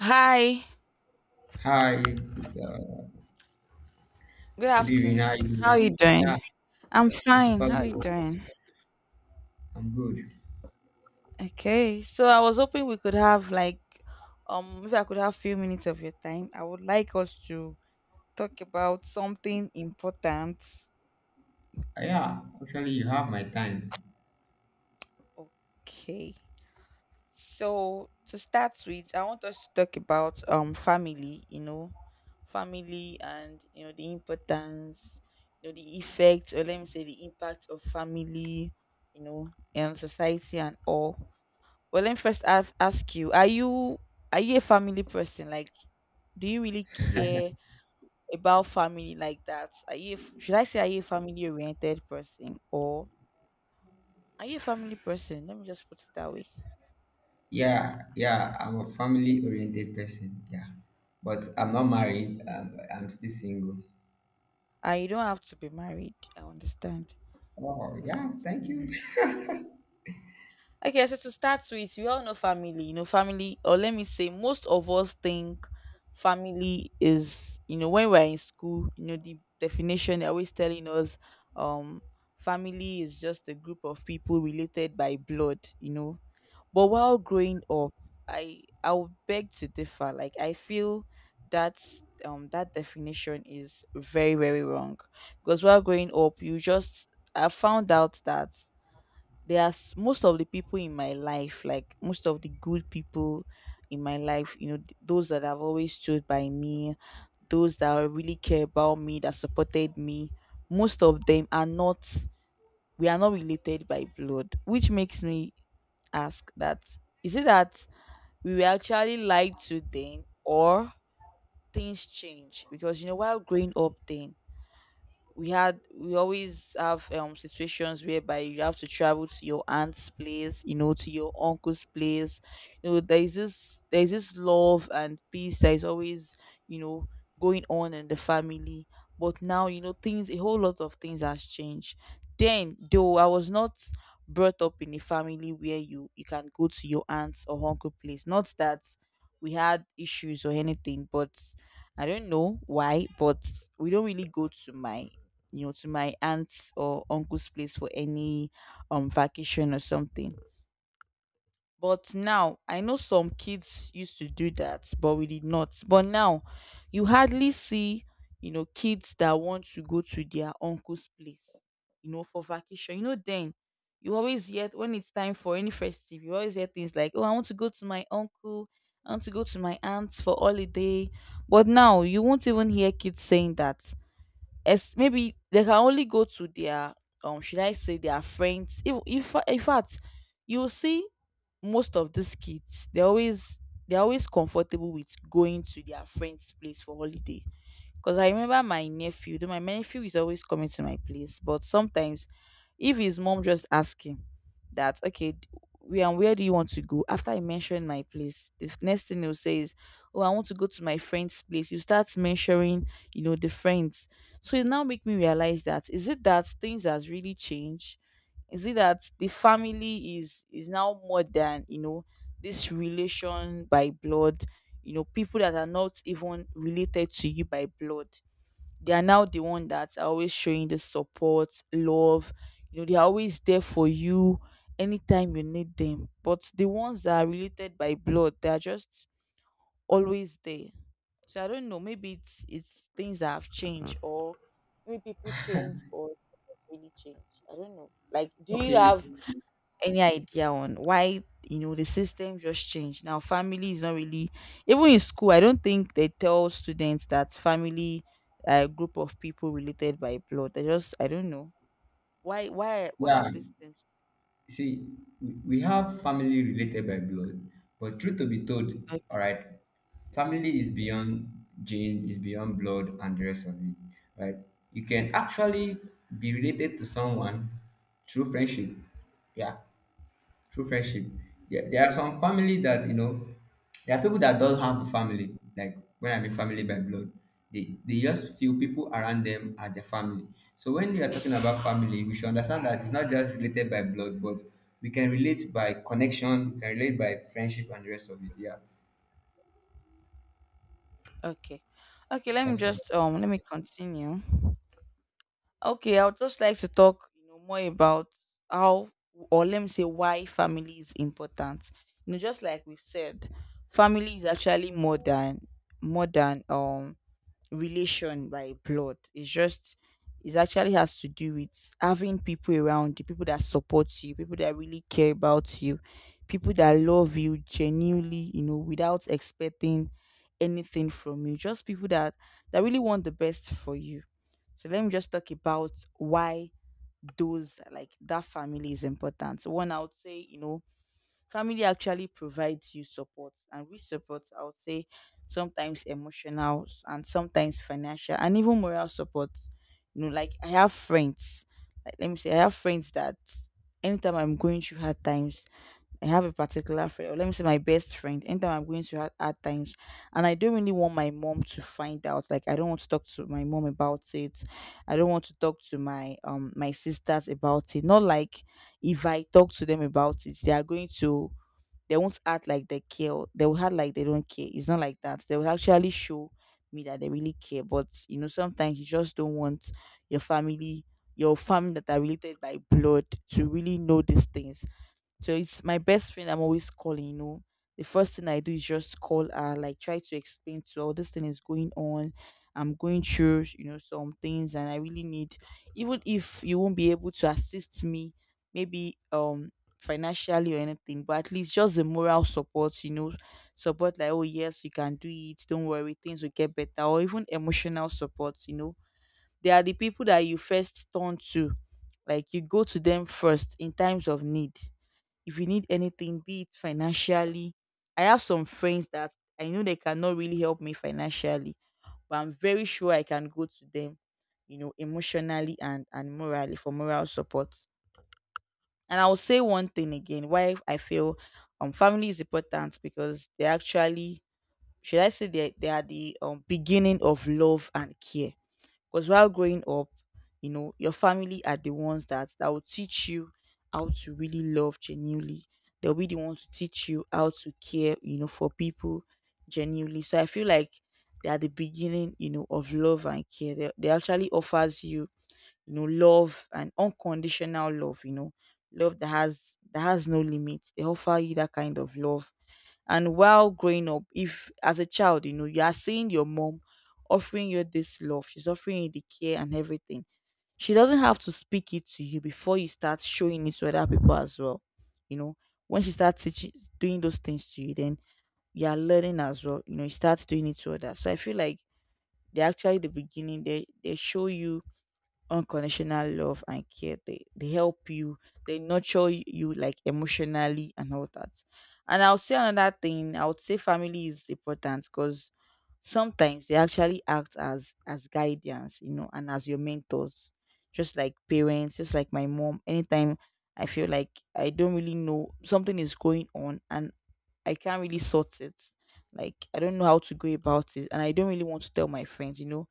Hi. Hi, good, Good good evening. How are afternoon. How are you? you doing? Yeah, I'm I'm fine. super How good. are you doing? I'm good. Okay. So I was hoping we could have like if I could have few minutes of your time, I would like us to talk about something important. Yeah, actually, you have my time. Okay. So to start with, I want us to talk about family, you know, family, and you know the importance, you know, the effect, or let me say the impact of family, you know, and society and all. Well, let me first ask you: are you are you a family person? Like, do you really care about family like that? Are you a should I say are you a family oriented person, or are you a family person? Let me just put it that way. Yeah, yeah, I'm a family-oriented person. Yeah, but I'm not married. Okay. I'm still single. And you don't have to be married. I understand. Oh, You don't yeah, have to be thank you. married. Okay, so to start with, we all know family. You know, family, or let me say, most of us think family is, you know, when we're in school, you know, the definition they're always telling us, um, family is just a group of people related by blood, you know. But while growing up, I would beg to differ. Like I feel that that definition is very, very wrong. Because while growing up, you just I found out that there are most of the people in my life, like most of the good people in my life, you know, those that have always stood by me, those that really care about me, that supported me, most of them are not, we are not related by blood, which makes me ask that is it that we were actually lied to then, or things change? Because, you know, while growing up then, we always have situations whereby you have to travel to your aunt's place, you know, to your uncle's place. You know, there's this love and peace that is always, you know, going on in the family. But now, you know, things, a whole lot of things has changed. Then, though I was not brought up in a family where you can go to your aunt's or uncle place, not that we had issues or anything, but I don't know why, but we don't really go to my, you know, to my aunt's or uncle's place for any vacation or something. But now I know some kids used to do that, but we did not. But now you hardly see, you know, kids that want to go to their uncle's place, you know, for vacation. You know, then you always hear when it's time for any festive, you always hear things like, oh, I want to go to my uncle, I want to go to my aunt for holiday. But now you won't even hear kids saying that. As maybe they can only go to their should I say their friends. If in fact you will see most of these kids, they're always comfortable with going to their friends' place for holiday. Because I remember my nephew, though my nephew is always coming to my place, but sometimes if his mom just ask him that, okay, where and where do you want to go? After I mention my place, the next thing he'll say is, oh, I want to go to my friend's place. You start mentioning, you know, the friends. So it now make me realize that is it that things has really changed? Is it that the family is now more than, you know, this relation by blood? You know, people that are not even related to you by blood, they are now the one that are always showing the support, love, you know, they are always there for you anytime you need them. But the ones that are related by blood, they are just always there. So I don't know, maybe it's things that have changed, or maybe people change or things really change, I don't know. Like, do you Okay, have any idea on why, you know, the system just changed? Now family is not really, even in school I don't think they tell students that family are a group of people related by blood. They just, I don't know why, why yeah, have these things. you see, we have family related by blood, but truth to be told, all Okay. right, family is beyond gene, is beyond blood and the rest of it, right? You can actually be related to someone through friendship, yeah. True friendship. Yeah, there are some family that you know. There are people that don't have a family. Like when I mean family by blood, they just feel people around them are their family. So when we are talking about family, we should understand that it's not just related by blood, but we can relate by connection, we can relate by friendship and the rest of it. Yeah, Okay, okay, let me that's fine. just let me continue. Okay, I would just like to talk, you know, more about how, or let me say, why family is important. You know, just like we've said, family is actually more than, more than relation by blood. It's just, it actually has to do with having people around you, people that support you, people that really care about you, people that love you genuinely, you know, without expecting anything from you. Just people that that really want the best for you. So let me just talk about why those, like that, family is important. So one, I would say, you know, family actually provides you support, and with support, I would say sometimes emotional and sometimes financial and even moral support. You know, like I have friends, like let me say, I have friends that anytime I'm going through hard times, I have a particular friend, or let me say my best friend, anytime I'm going through hard, hard times, and I don't really want my mom to find out. Like I don't want to talk to my mom about it. I don't want to talk to my my sisters about it. Not like if I talk to them about it, they are going to, they won't act like they care. Or they will act like they don't care. It's not like that. They will actually show me that they really care. But you know, sometimes you just don't want your family, your family that are related by blood, to really know these things. So it's my best friend I'm always calling, you know. The first thing I do is just call her, like try to explain to her, "Oh, this thing is going on. I'm going through, you know, some things and I really need, even if you won't be able to assist me, maybe financially or anything, but at least just the moral support, you know, support like, oh yes, you can do it, don't worry, things will get better, or even emotional support, you know." They are the people that you first turn to. Like you go to them first in times of need, if you need anything, be it financially. I have some friends that I know they cannot really help me financially, but I'm very sure I can go to them, you know, emotionally and morally, for moral support. And I'll say one thing again why I feel family is important, because they actually, should I say, they are the beginning of love and care. Because while growing up, you know, your family are the ones that that will teach you how to really love genuinely. They'll be the ones to teach you how to care, you know, for people genuinely. So I feel like they are the beginning, you know, of love and care. They actually offers you, you know, love and unconditional love, you know, love that has no limits. They offer you that kind of love. And while growing up, if as a child, you know, you are seeing your mom offering you this love, she's offering you the care and everything. She doesn't have to speak it to you before you start showing it to other people as well. You know, when she starts teaching, doing those things to you, then you are learning as well. You know, you start doing it to others. So I feel like they actually the beginning. They show you unconditional love and care. They help you, they nurture you like emotionally and all that. And I would say another thing, I would say family is important because sometimes they actually act as guidance, you know, and as your mentors, just like parents, just like my mom. Anytime I feel like I don't really know, something is going on and I can't really sort it. Like I don't know how to go about it, and I don't really want to tell my friends, you know,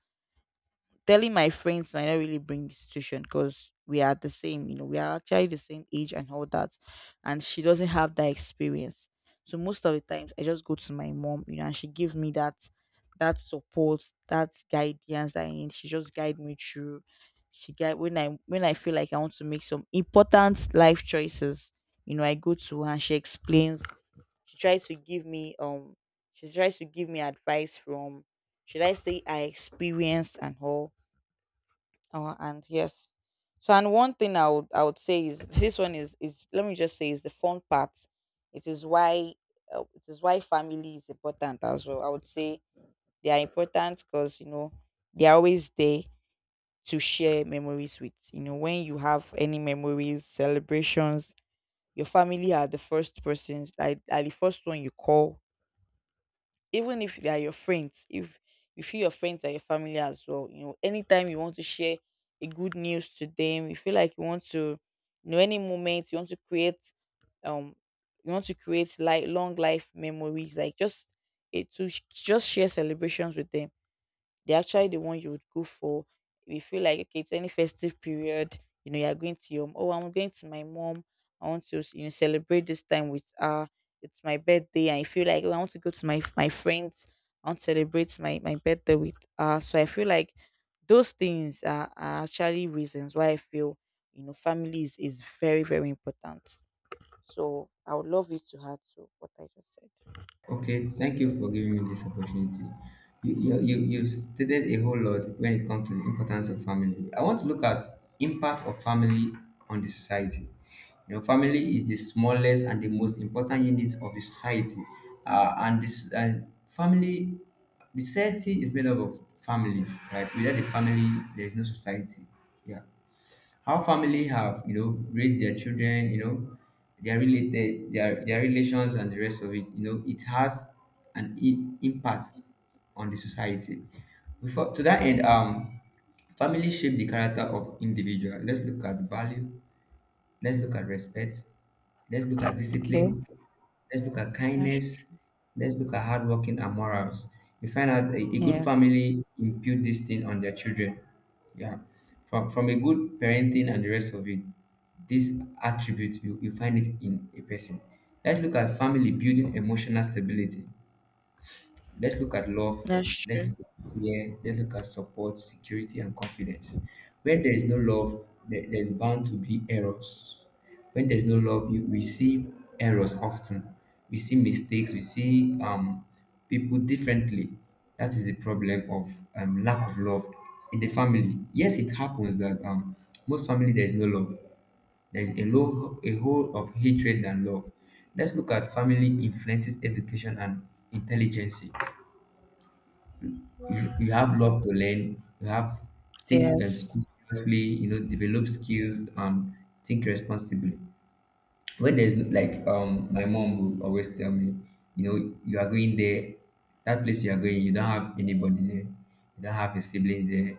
telling my friends might not really bring institution because we are the same, you know, we are actually the same age and all that. And she doesn't have that experience. So most of the times I just go to my mom, you know, and she gives me that that support, that guidance that I need. She just guide me through. She guide when I feel like I want to make some important life choices, you know, I go to her and she explains, she tries to give me she tries to give me advice from should I say I experienced and all our hand. Yes. So and one thing I would say is this one is, let me just say, is the fun part. It is why it is why family is important as well, I would say. They are important because, you know, they are always there to share memories with, you know, when you have any memories, celebrations, your family are the first persons, like are the first one you call. Even if they are your friends, if you feel your friends are your family as well, you know, anytime you want to share a good news to them, you feel like you want to, you know, any moment you want to create, um, you want to create like long life memories, like just it to sh- just share celebrations with them. They're actually the one you would go for. You feel like, okay, it's any festive period, you know, you're going to your, oh, I'm going to my mom. I want to, you know, celebrate this time with her. It's my birthday, and I feel like, oh, I want to go to my friends. I want to celebrate my birthday with her. So I feel like those things are actually reasons why I feel, you know, family is very very important. So I would love you to add to what I just said. Okay, thank you for giving me this opportunity. You stated a whole lot when it comes to the importance of family. I want to look at impact of family on the society. You know, family is the smallest and the most important unit of the society, and this and family, the society is made up of families, right? Without the family, there is no society. Yeah, how family have, you know, raised their children, you know, their related their relations and the rest of it, you know, it has an impact on the society. Before to that end, family shape the character of individual. Let's look at value. Let's look at respect. Let's look at Okay, discipline. Let's look at that's kindness. true. Let's look at hardworking and morals. You find out a good Yeah, family impute this thing on their children. Yeah. From a good parenting and the rest of it, this attribute, you find it in a person. Let's look at family building emotional stability. Let's look at love. that's Let's true. look at fear. Let's look at support, security, and confidence. When there is no love, there, there's bound to be errors. When there's no love, you, we see errors often. We see mistakes. We see people differently. That is the problem of lack of love in the family. Yes, it happens that most family there is no love. There is a low, a whole of hatred than love. Let's look at family influences education and intelligence. You have love to learn, you have take Yes. school seriously, you know, develop skills and think responsibly. When there's like my mom will always tell me, you know, you are going there, that place you are going, you don't have anybody there, you don't have a sibling there,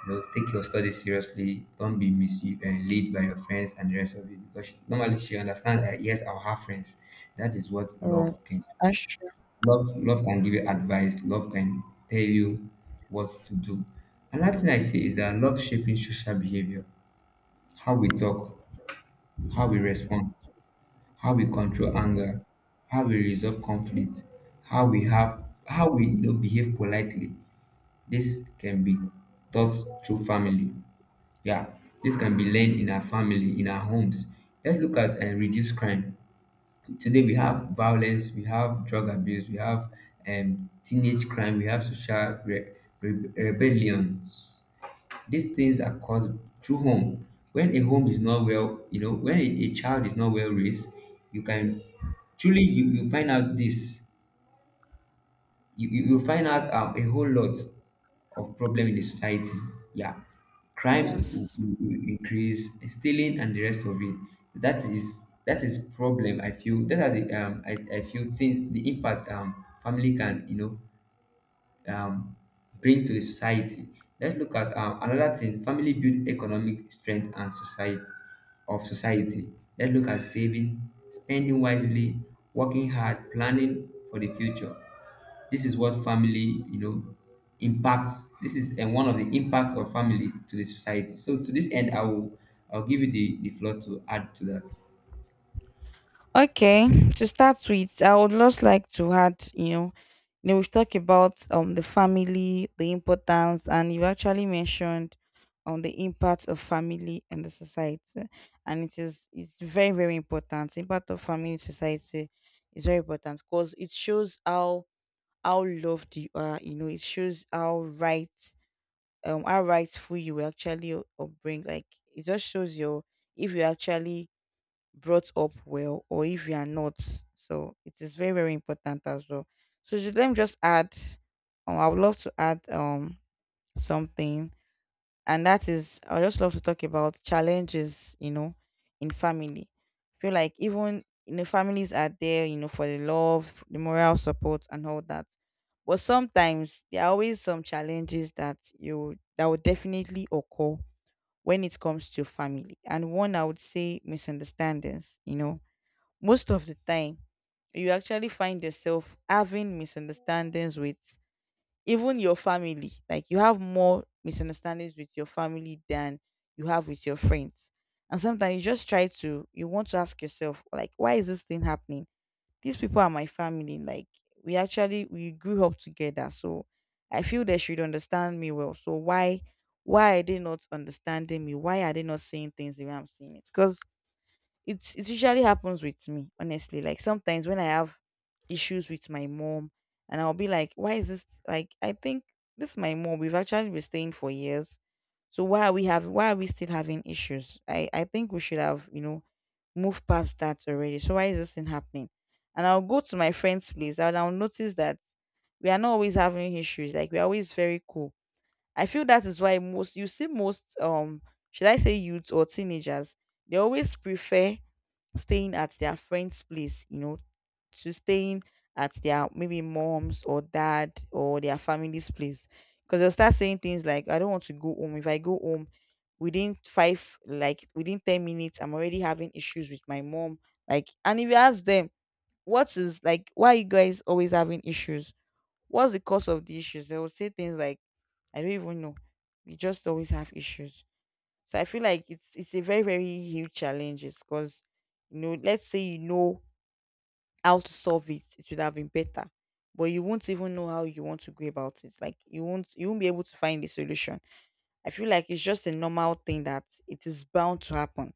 you know, take your studies seriously, don't be mis- and lead by your friends and the rest of it, because she, normally she understands that yes, I'll have friends. That is what Yes, love can. that's true. Love, love can give you advice. Love can tell you what to do. Another thing I say is that love shaping social behavior, how we talk, how we respond, how we control anger, how we resolve conflict, how we have, how we, you know, behave politely. This can be taught through family. Yeah, this can be learned in our family, in our homes. Let's look at and reduce crime. Today we have violence, we have drug abuse, we have teenage crime, we have social rebellions. These things are caused through home. When a home is not well, you know, when a child is not well raised, you can truly, you find out this, you find out a whole lot of problem in the society. Yeah, crime will, Yes. will increase, stealing and the rest of it. That is that is problem. I feel that are the um, I feel things the impact family can, you know, um bring to the society. Let's look at another thing. Family build economic strength and society of society. Let's look at saving, spending wisely, working hard, planning for the future. This is what family, you know, impacts. This is and one of the impacts of family to the society. So to this end, I'll give you the floor to add to that. Okay. To start with, I would just like to add, you know, we've talked about the family, the importance, and you've actually mentioned the impact of family and the society. And it is, it's very, very important. The impact of family in society is very important because it shows how loved you are, you know, it shows how right how rightful you were actually upbring. Like it just shows your, if you actually brought up well or if you are not. So it is very, very important as well. So let me just add, I would love to add something, and that is I just love to talk about challenges, you know, in family. I feel like, even you know, families are there, you know, for the love, the moral support, and all that. But sometimes there are always some challenges that you that will definitely occur when it comes to family. And one I would say misunderstandings, you know, most of the time, you actually find yourself having misunderstandings with even your family. Like you have more misunderstandings with your family than you have with your friends. And sometimes you just try to, you want to ask yourself, like, why is this thing happening? These people are my family. Like we actually, we grew up together. So I feel they should understand me well. So why are they not understanding me? Why are they not saying things the way I'm saying it? Because it usually happens with me, honestly. Like sometimes when I have issues with my mom and I'll be like, why is this, like I think this is my mom. We've actually been staying for years. So why are we having, why are we still having issues? I think we should have, you know, moved past that already. So why is this thing happening? And I'll go to my friend's place and I'll notice that we are not always having issues. Like we're always very cool. I feel that is why most, you see, most should I say youths or teenagers, they always prefer staying at their friend's place, you know, to staying at their maybe mom's or dad or their family's place. Because they'll start saying things like, I don't want to go home. If I go home within five, like within 10 minutes, I'm already having issues with my mom. Like, and if you ask them, what is, like, why are you guys always having issues? What's the cause of the issues? They will say things like, I don't even know. We just always have issues. So I feel like it's a very very huge challenge because, you know, let's say you know how to solve it, it would have been better, but you won't even know how you want to go about it. Like you won't be able to find a solution. I feel like it's just a normal thing that it is bound to happen.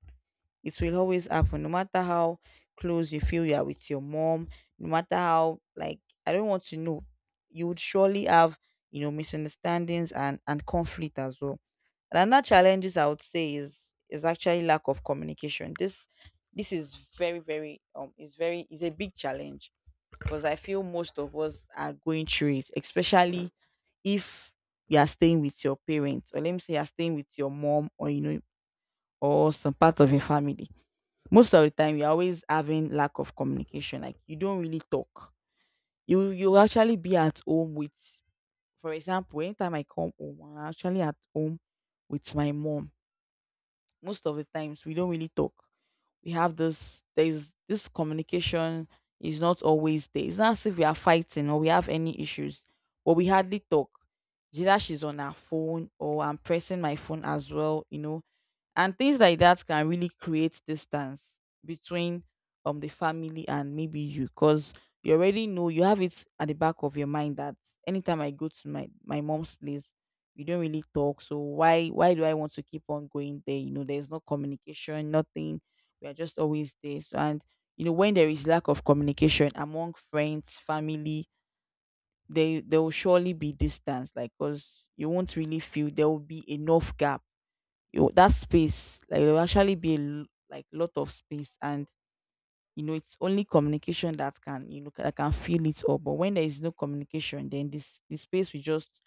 It will always happen, no matter how close you feel you are with your mom, no matter how, like, I don't want to know, you would surely have, you know, misunderstandings and conflict as well. And another challenges I would say is actually lack of communication. This is very very is very, is a big challenge because I feel most of us are going through it, especially if you are staying with your parents, or let me say you're staying with your mom, or you know, or some part of your family. Most of the time you're always having lack of communication. Like you don't really talk. You actually be at home with, for example, anytime I come home, I'm actually at home with my mom. Most of the times we don't really talk. We have this, there's this communication is not always there. It's not as if we are fighting or we have any issues, but we hardly talk. It's either she's on her phone or I'm pressing my phone as well, you know, and things like that can really create distance between the family and maybe you, because you already know, you have it at the back of your mind that anytime I go to my mom's place, we don't really talk. So why do I want to keep on going there? You know, there's no communication, nothing. We are just always there. So, and you know, when there is lack of communication among friends, family, they there will surely be distance, like, because you won't really feel, there will be enough gap, you, that space, like there will actually be a, like lot of space, and you know, it's only communication that can, you know, that can fill it up. But when there is no communication, then this the space will just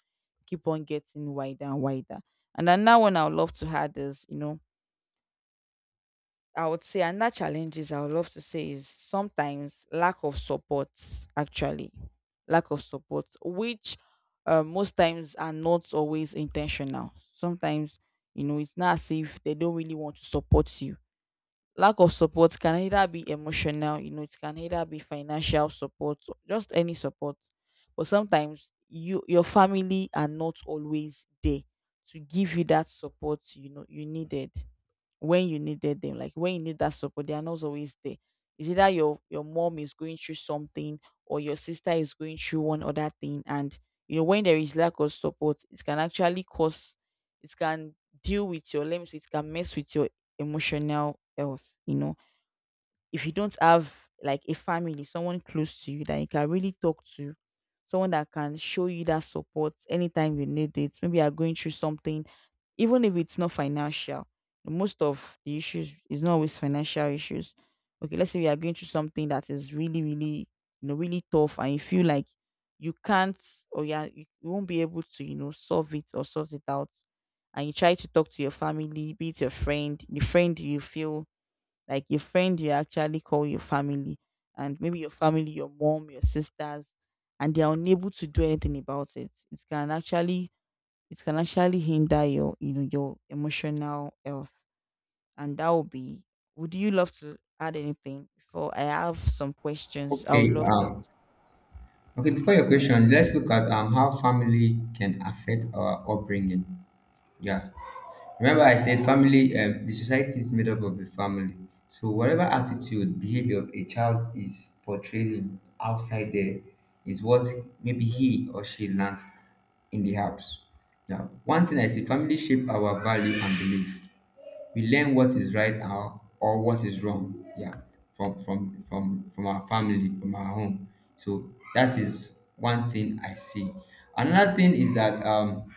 keep on getting wider and wider. And another one I would love to add is, you know, I would say another challenges I would love to say is sometimes lack of support, actually lack of support, which most times are not always intentional. Sometimes, you know, it's not as if they don't really want to support you. Lack of support can either be emotional, you know, it can either be financial support, or just any support. But sometimes you, your family are not always there to give you that support, you know, you needed, when you needed them, like when you need that support, they are not always there. It's either your mom is going through something or your sister is going through one other thing, and you know, when there is lack of support, it can actually cause, it can deal with your limbs, it can mess with your emotional health. You know, if you don't have like a family, someone close to you that you can really talk to, someone that can show you that support anytime you need it. Maybe you are going through something, even if it's not financial, most of the issues is not always financial issues. Okay, let's say we are going through something that is really really, you know, really tough, and you feel like you can't, or yeah, you you won't be able to, you know, solve it or sort it out, and you try to talk to your family, be it your friend, the friend you feel like your friend, you actually call your family, and maybe your family, your mom, your sisters, and they are unable to do anything about it, it can actually, it can actually hinder your, you know, your emotional health. And that would be, would you love to add anything before I have some questions I would Okay. love to ask? Okay. Before your question, let's look at how family can affect our upbringing. Yeah. Remember I said family, the society is made up of the family. So whatever attitude, behavior a child is portraying outside there is what maybe he or she learns in the house. Now, one thing I see, family shape our value and belief. We learn what is right or what is wrong, yeah, from our family, from our home. So that is one thing I see. Another thing is that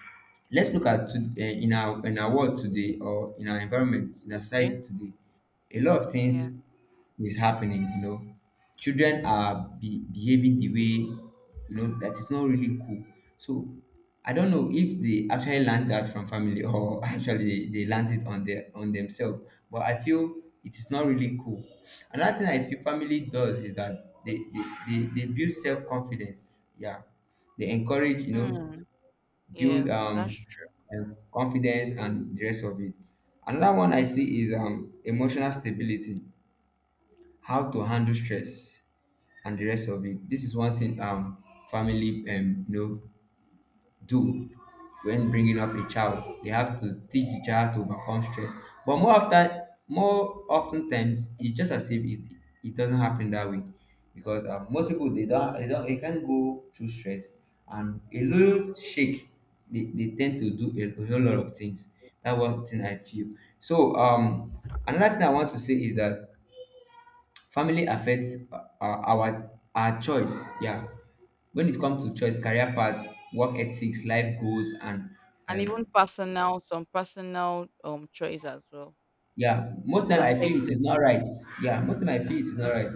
let's look at to, in our, in our world today, or in our environment, in our Okay. society today, a lot of things Yeah. is happening. You know, children are behaving the way, you know, that is not really cool. So I don't know if they actually learn that from family, or actually they learned it on their, on themselves, but I feel it is not really cool. Another thing I feel family does is that they build self-confidence, yeah, they encourage, you know, Mm, build yes, that's true. Confidence and the rest of it. Another one I see is emotional stability, how to handle stress and the rest of it. This is one thing family, you know, do when bringing up a child. They have to teach the child to overcome stress. But more often times, it's just as if it, it doesn't happen that way, because most people they don't they can't go through stress and a little shake. They tend to do a whole lot of things. That one thing I feel. So another thing I want to say is that family affects our choice. Yeah, when it comes to choice, career paths, work ethics, life goals, and And even um, personal, some personal choice as well. yeah, most It's time I feel it affected is not right. Yeah, most time I feel it is not right.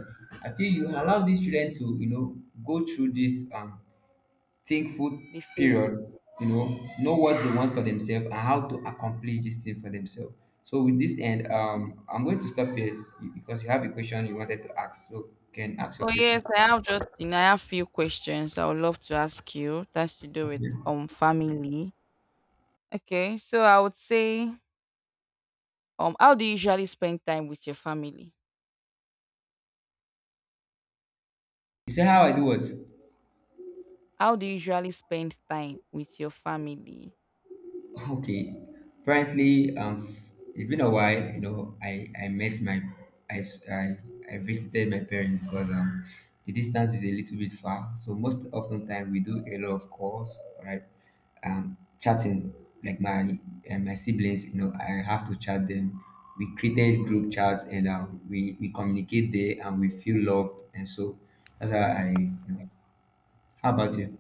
I feel you allow these children to, you know, go through this thankful the face. period. You know what they want for themselves and how to accomplish this thing for themselves. So with this end, I'm going to stop here because you have a question you wanted to ask. So you can ask your Oh yes, question. I have just, you know, I have few questions I would love to ask you. That's to do Okay. with family. Okay, so I would say how do you usually spend time with your family? You say how I do what? How do you usually spend time with your family? Okay. Apparently, it's been a while. You know, I met my I s- I, I visited my parents because the distance is a little bit far. So most often time we do a lot of calls, right? Chatting like my and my siblings. You know, I have to chat them. We created group chats and we communicate there and we feel love and so that's how I, you know. How about you?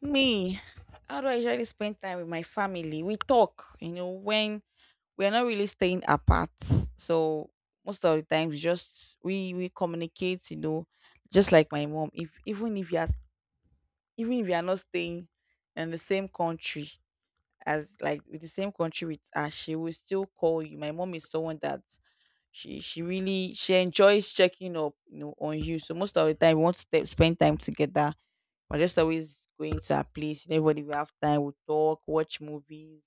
Me, how do I usually spend time with my family? We talk, you know, when we're not really staying apart. So most of the times we communicate, you know, just like my mom. If even if you are even if you are not staying in the same country, as like with the same country with her, she will still call you. My mom is someone that she really she enjoys checking up, you know, on you. So most of the time we want to spend time together. We're just always going to her place. Everybody will have time. We'll talk, watch movies,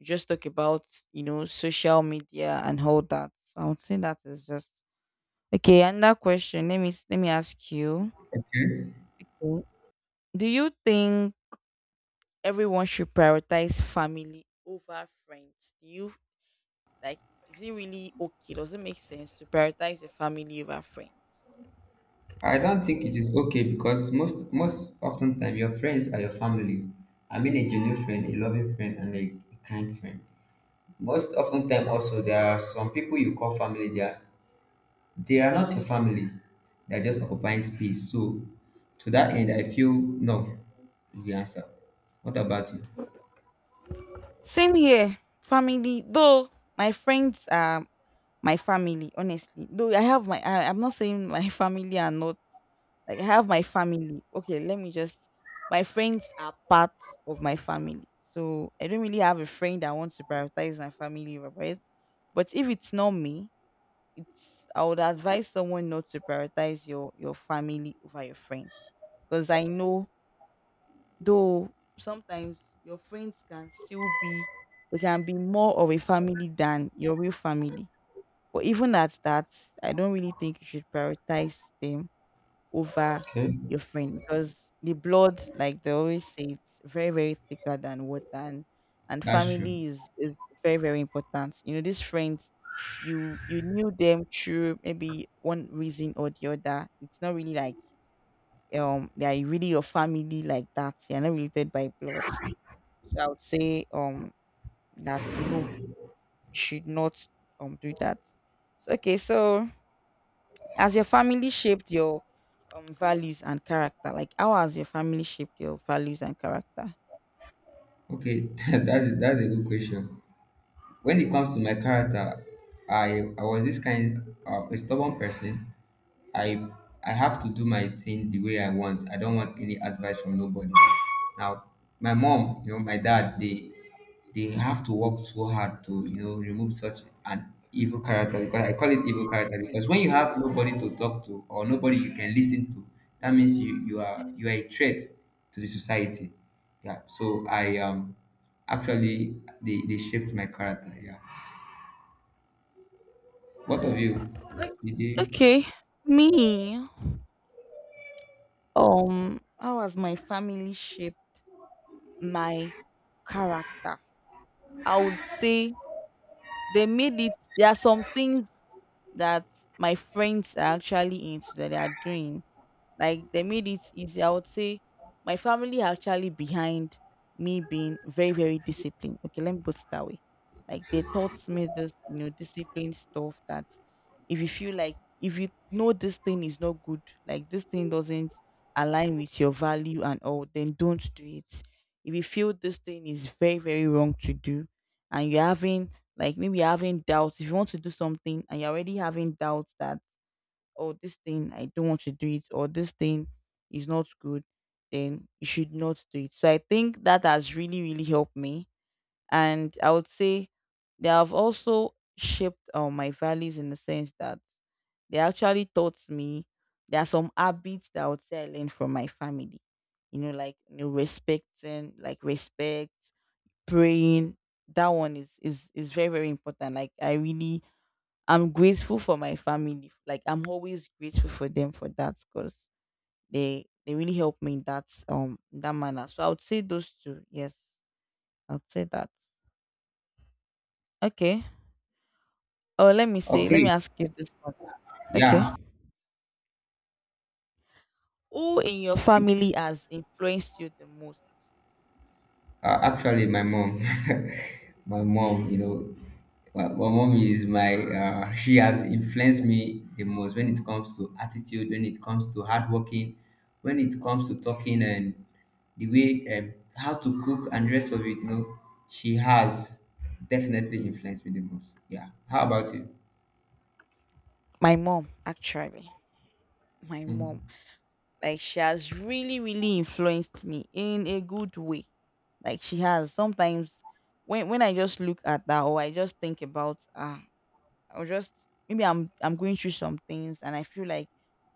just talk about, you know, social media and all that. So I would say that is just okay. Another question. Let me ask you. Okay. Okay. Do you think everyone should prioritize family over friends? Do you Like, is it really okay? Does it make sense to prioritize your family over friends? I don't think it is okay because most often time your friends are your family. I mean a genuine friend, a loving friend, and a kind friend. Most often time also there are some people you call family. They are not your family. They are just occupying space. So to that end, I feel no is the answer. What about you? Same here, family. Though my friends are my family, honestly. Though I'm not saying my family are not, like, I have my family. Okay, my friends are part of my family. So I don't really have a friend that wants to prioritize my family over it. But if it's not me, I would advise someone not to prioritize your family over your friend. Because I know, though, sometimes your friends can still be, they can be more of a family than your real family, but even at that, I don't really think you should prioritize them over Okay. your friend, because the blood, like they always say, it's very, very thicker than water, and That's true. Is very, very important. You know, these friends you knew them through maybe one reason or the other. It's not really like they are really your family like that. You're not related by blood. So I would say that no, you should not do that. So, okay, so has your family shaped your values and character? Like how has your family shaped your values and character? Okay, that's a good question. When it comes to my character, I was this kind of a stubborn person. I I have to do my thing the way I want, I don't want any advice from nobody. Now my mom, you know, my dad, they have to work so hard to, you know, remove such an evil character, because I call it evil character because when you have nobody to talk to or nobody you can listen to, that means you are a threat to the society. Yeah, so I actually, they shaped my character. Yeah, what of you, Like did they, okay, me, how has my family shaped my character? I would say they made it. There are some things that my friends are actually into that they are doing. Like they made it easy. I would say my family are actually behind me being very, very disciplined. Okay, let me put it that way. Like they taught me this, you know, discipline stuff, that if you feel like if you know this thing is not good, like this thing doesn't align with your value and all, then don't do it. If you feel this thing is very, very wrong to do and you're having, like maybe you're having doubts, if you want to do something and you're already having doubts, that or this thing I don't want to do it, or this thing is not good, then you should not do it. So I think that has really, really helped me. And I would say they have also shaped my values, in the sense that they actually taught me. There are some habits that I would say I learned from my family. You know, like you know, respecting, like respect, praying. That one is very, very important. Like I really, I'm grateful for my family. Like I'm always grateful for them for that, because they really help me in that, in that manner. So I would say those two. Yes, I would say that. Okay. Oh, let me say, let me okay, ask you this one. yeah. Okay. Who in your family has influenced you the most? Actually, my mom, my mom, you know, my mom is my. She has influenced me the most when it comes to attitude, when it comes to hardworking, when it comes to talking and the way, how to cook and the rest of it. You know, she has definitely influenced me the most. Yeah. How about you? My mom, actually. My mom. Hmm. Like she has really, really influenced me in a good way. Like she has. Sometimes when I just look at that, or I just think about her, I'll just, maybe I'm going through some things and I feel like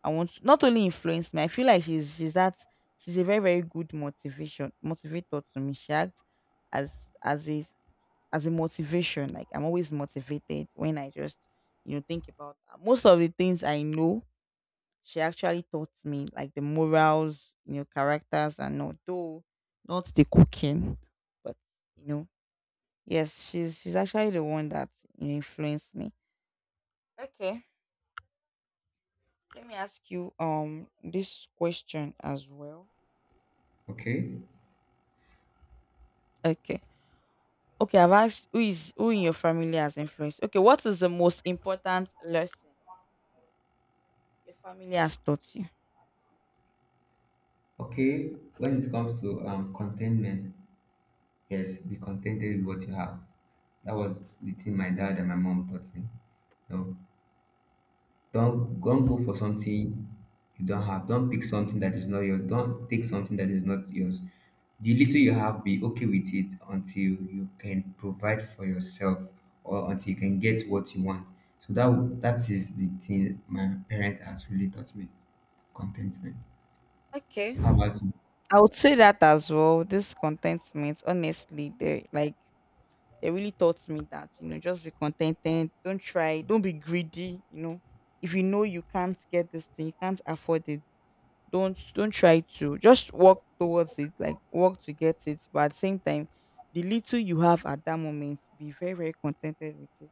I want to, not only influence me, I feel like she's that she's a very, very good motivation motivator to me. She acts as as a as a motivation. Like I'm always motivated when I just, you know, think about her. Most of the things I know, she actually taught me, like the morals, you know, characters and all, though not the cooking. But you know, yes, she's actually the one that, you know, influenced me. Okay. Let me ask you this question as well. Okay. Okay. Okay, I've asked who is who in your family has influenced. Okay, what is the most important lesson your family has taught you? Okay. When it comes to contentment. Yes, be contented with what you have. That was the thing my dad and my mom taught me. No, don't go for something you don't have. Don't pick something that is not yours. Don't take something that is not yours. The little you have, be okay with it until you can provide for yourself or until you can get what you want. So that is the thing my parents has really taught me. Contentment. Okay, How about you? I would say that as well. This contentment, honestly, they, like they really taught me that, you know, just be contented. Don't try. Don't be greedy. You know, if you know you can't get this thing, you can't afford it, don't try to just walk towards it, like walk to get it, but at the same time, the little you have at that moment, be very, very contented with it.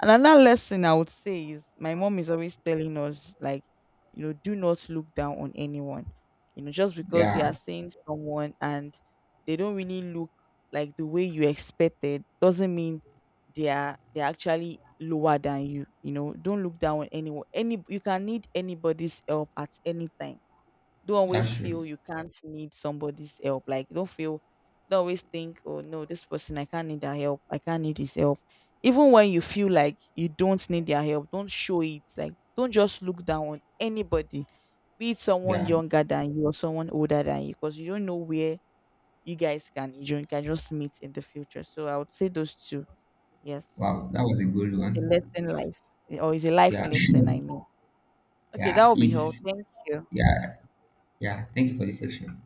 And another lesson I would say is, my mom is always telling us, like, you know, do not look down on anyone. You know, just because you are Yeah, seeing someone and they don't really look like the way you expected, doesn't mean they're actually lower than you. You know, don't look down on anyone. Any You can need anybody's help at any time. Don't always that's true. feel you can't need somebody's help. Like don't feel, don't always think, oh no, this person I can't need their help. I can't need his help. Even when you feel like you don't need their help, don't show it. Like don't just look down on anybody. Be it someone Yeah. younger than you or someone older than you, because you don't know where you can just meet in the future. So I would say those two. Yes, Wow, that was a good it's a one. lesson life or it's a life Yeah. lesson. I mean, okay, that Yeah, will be all. Thank you. yeah, yeah, Thank you for this section.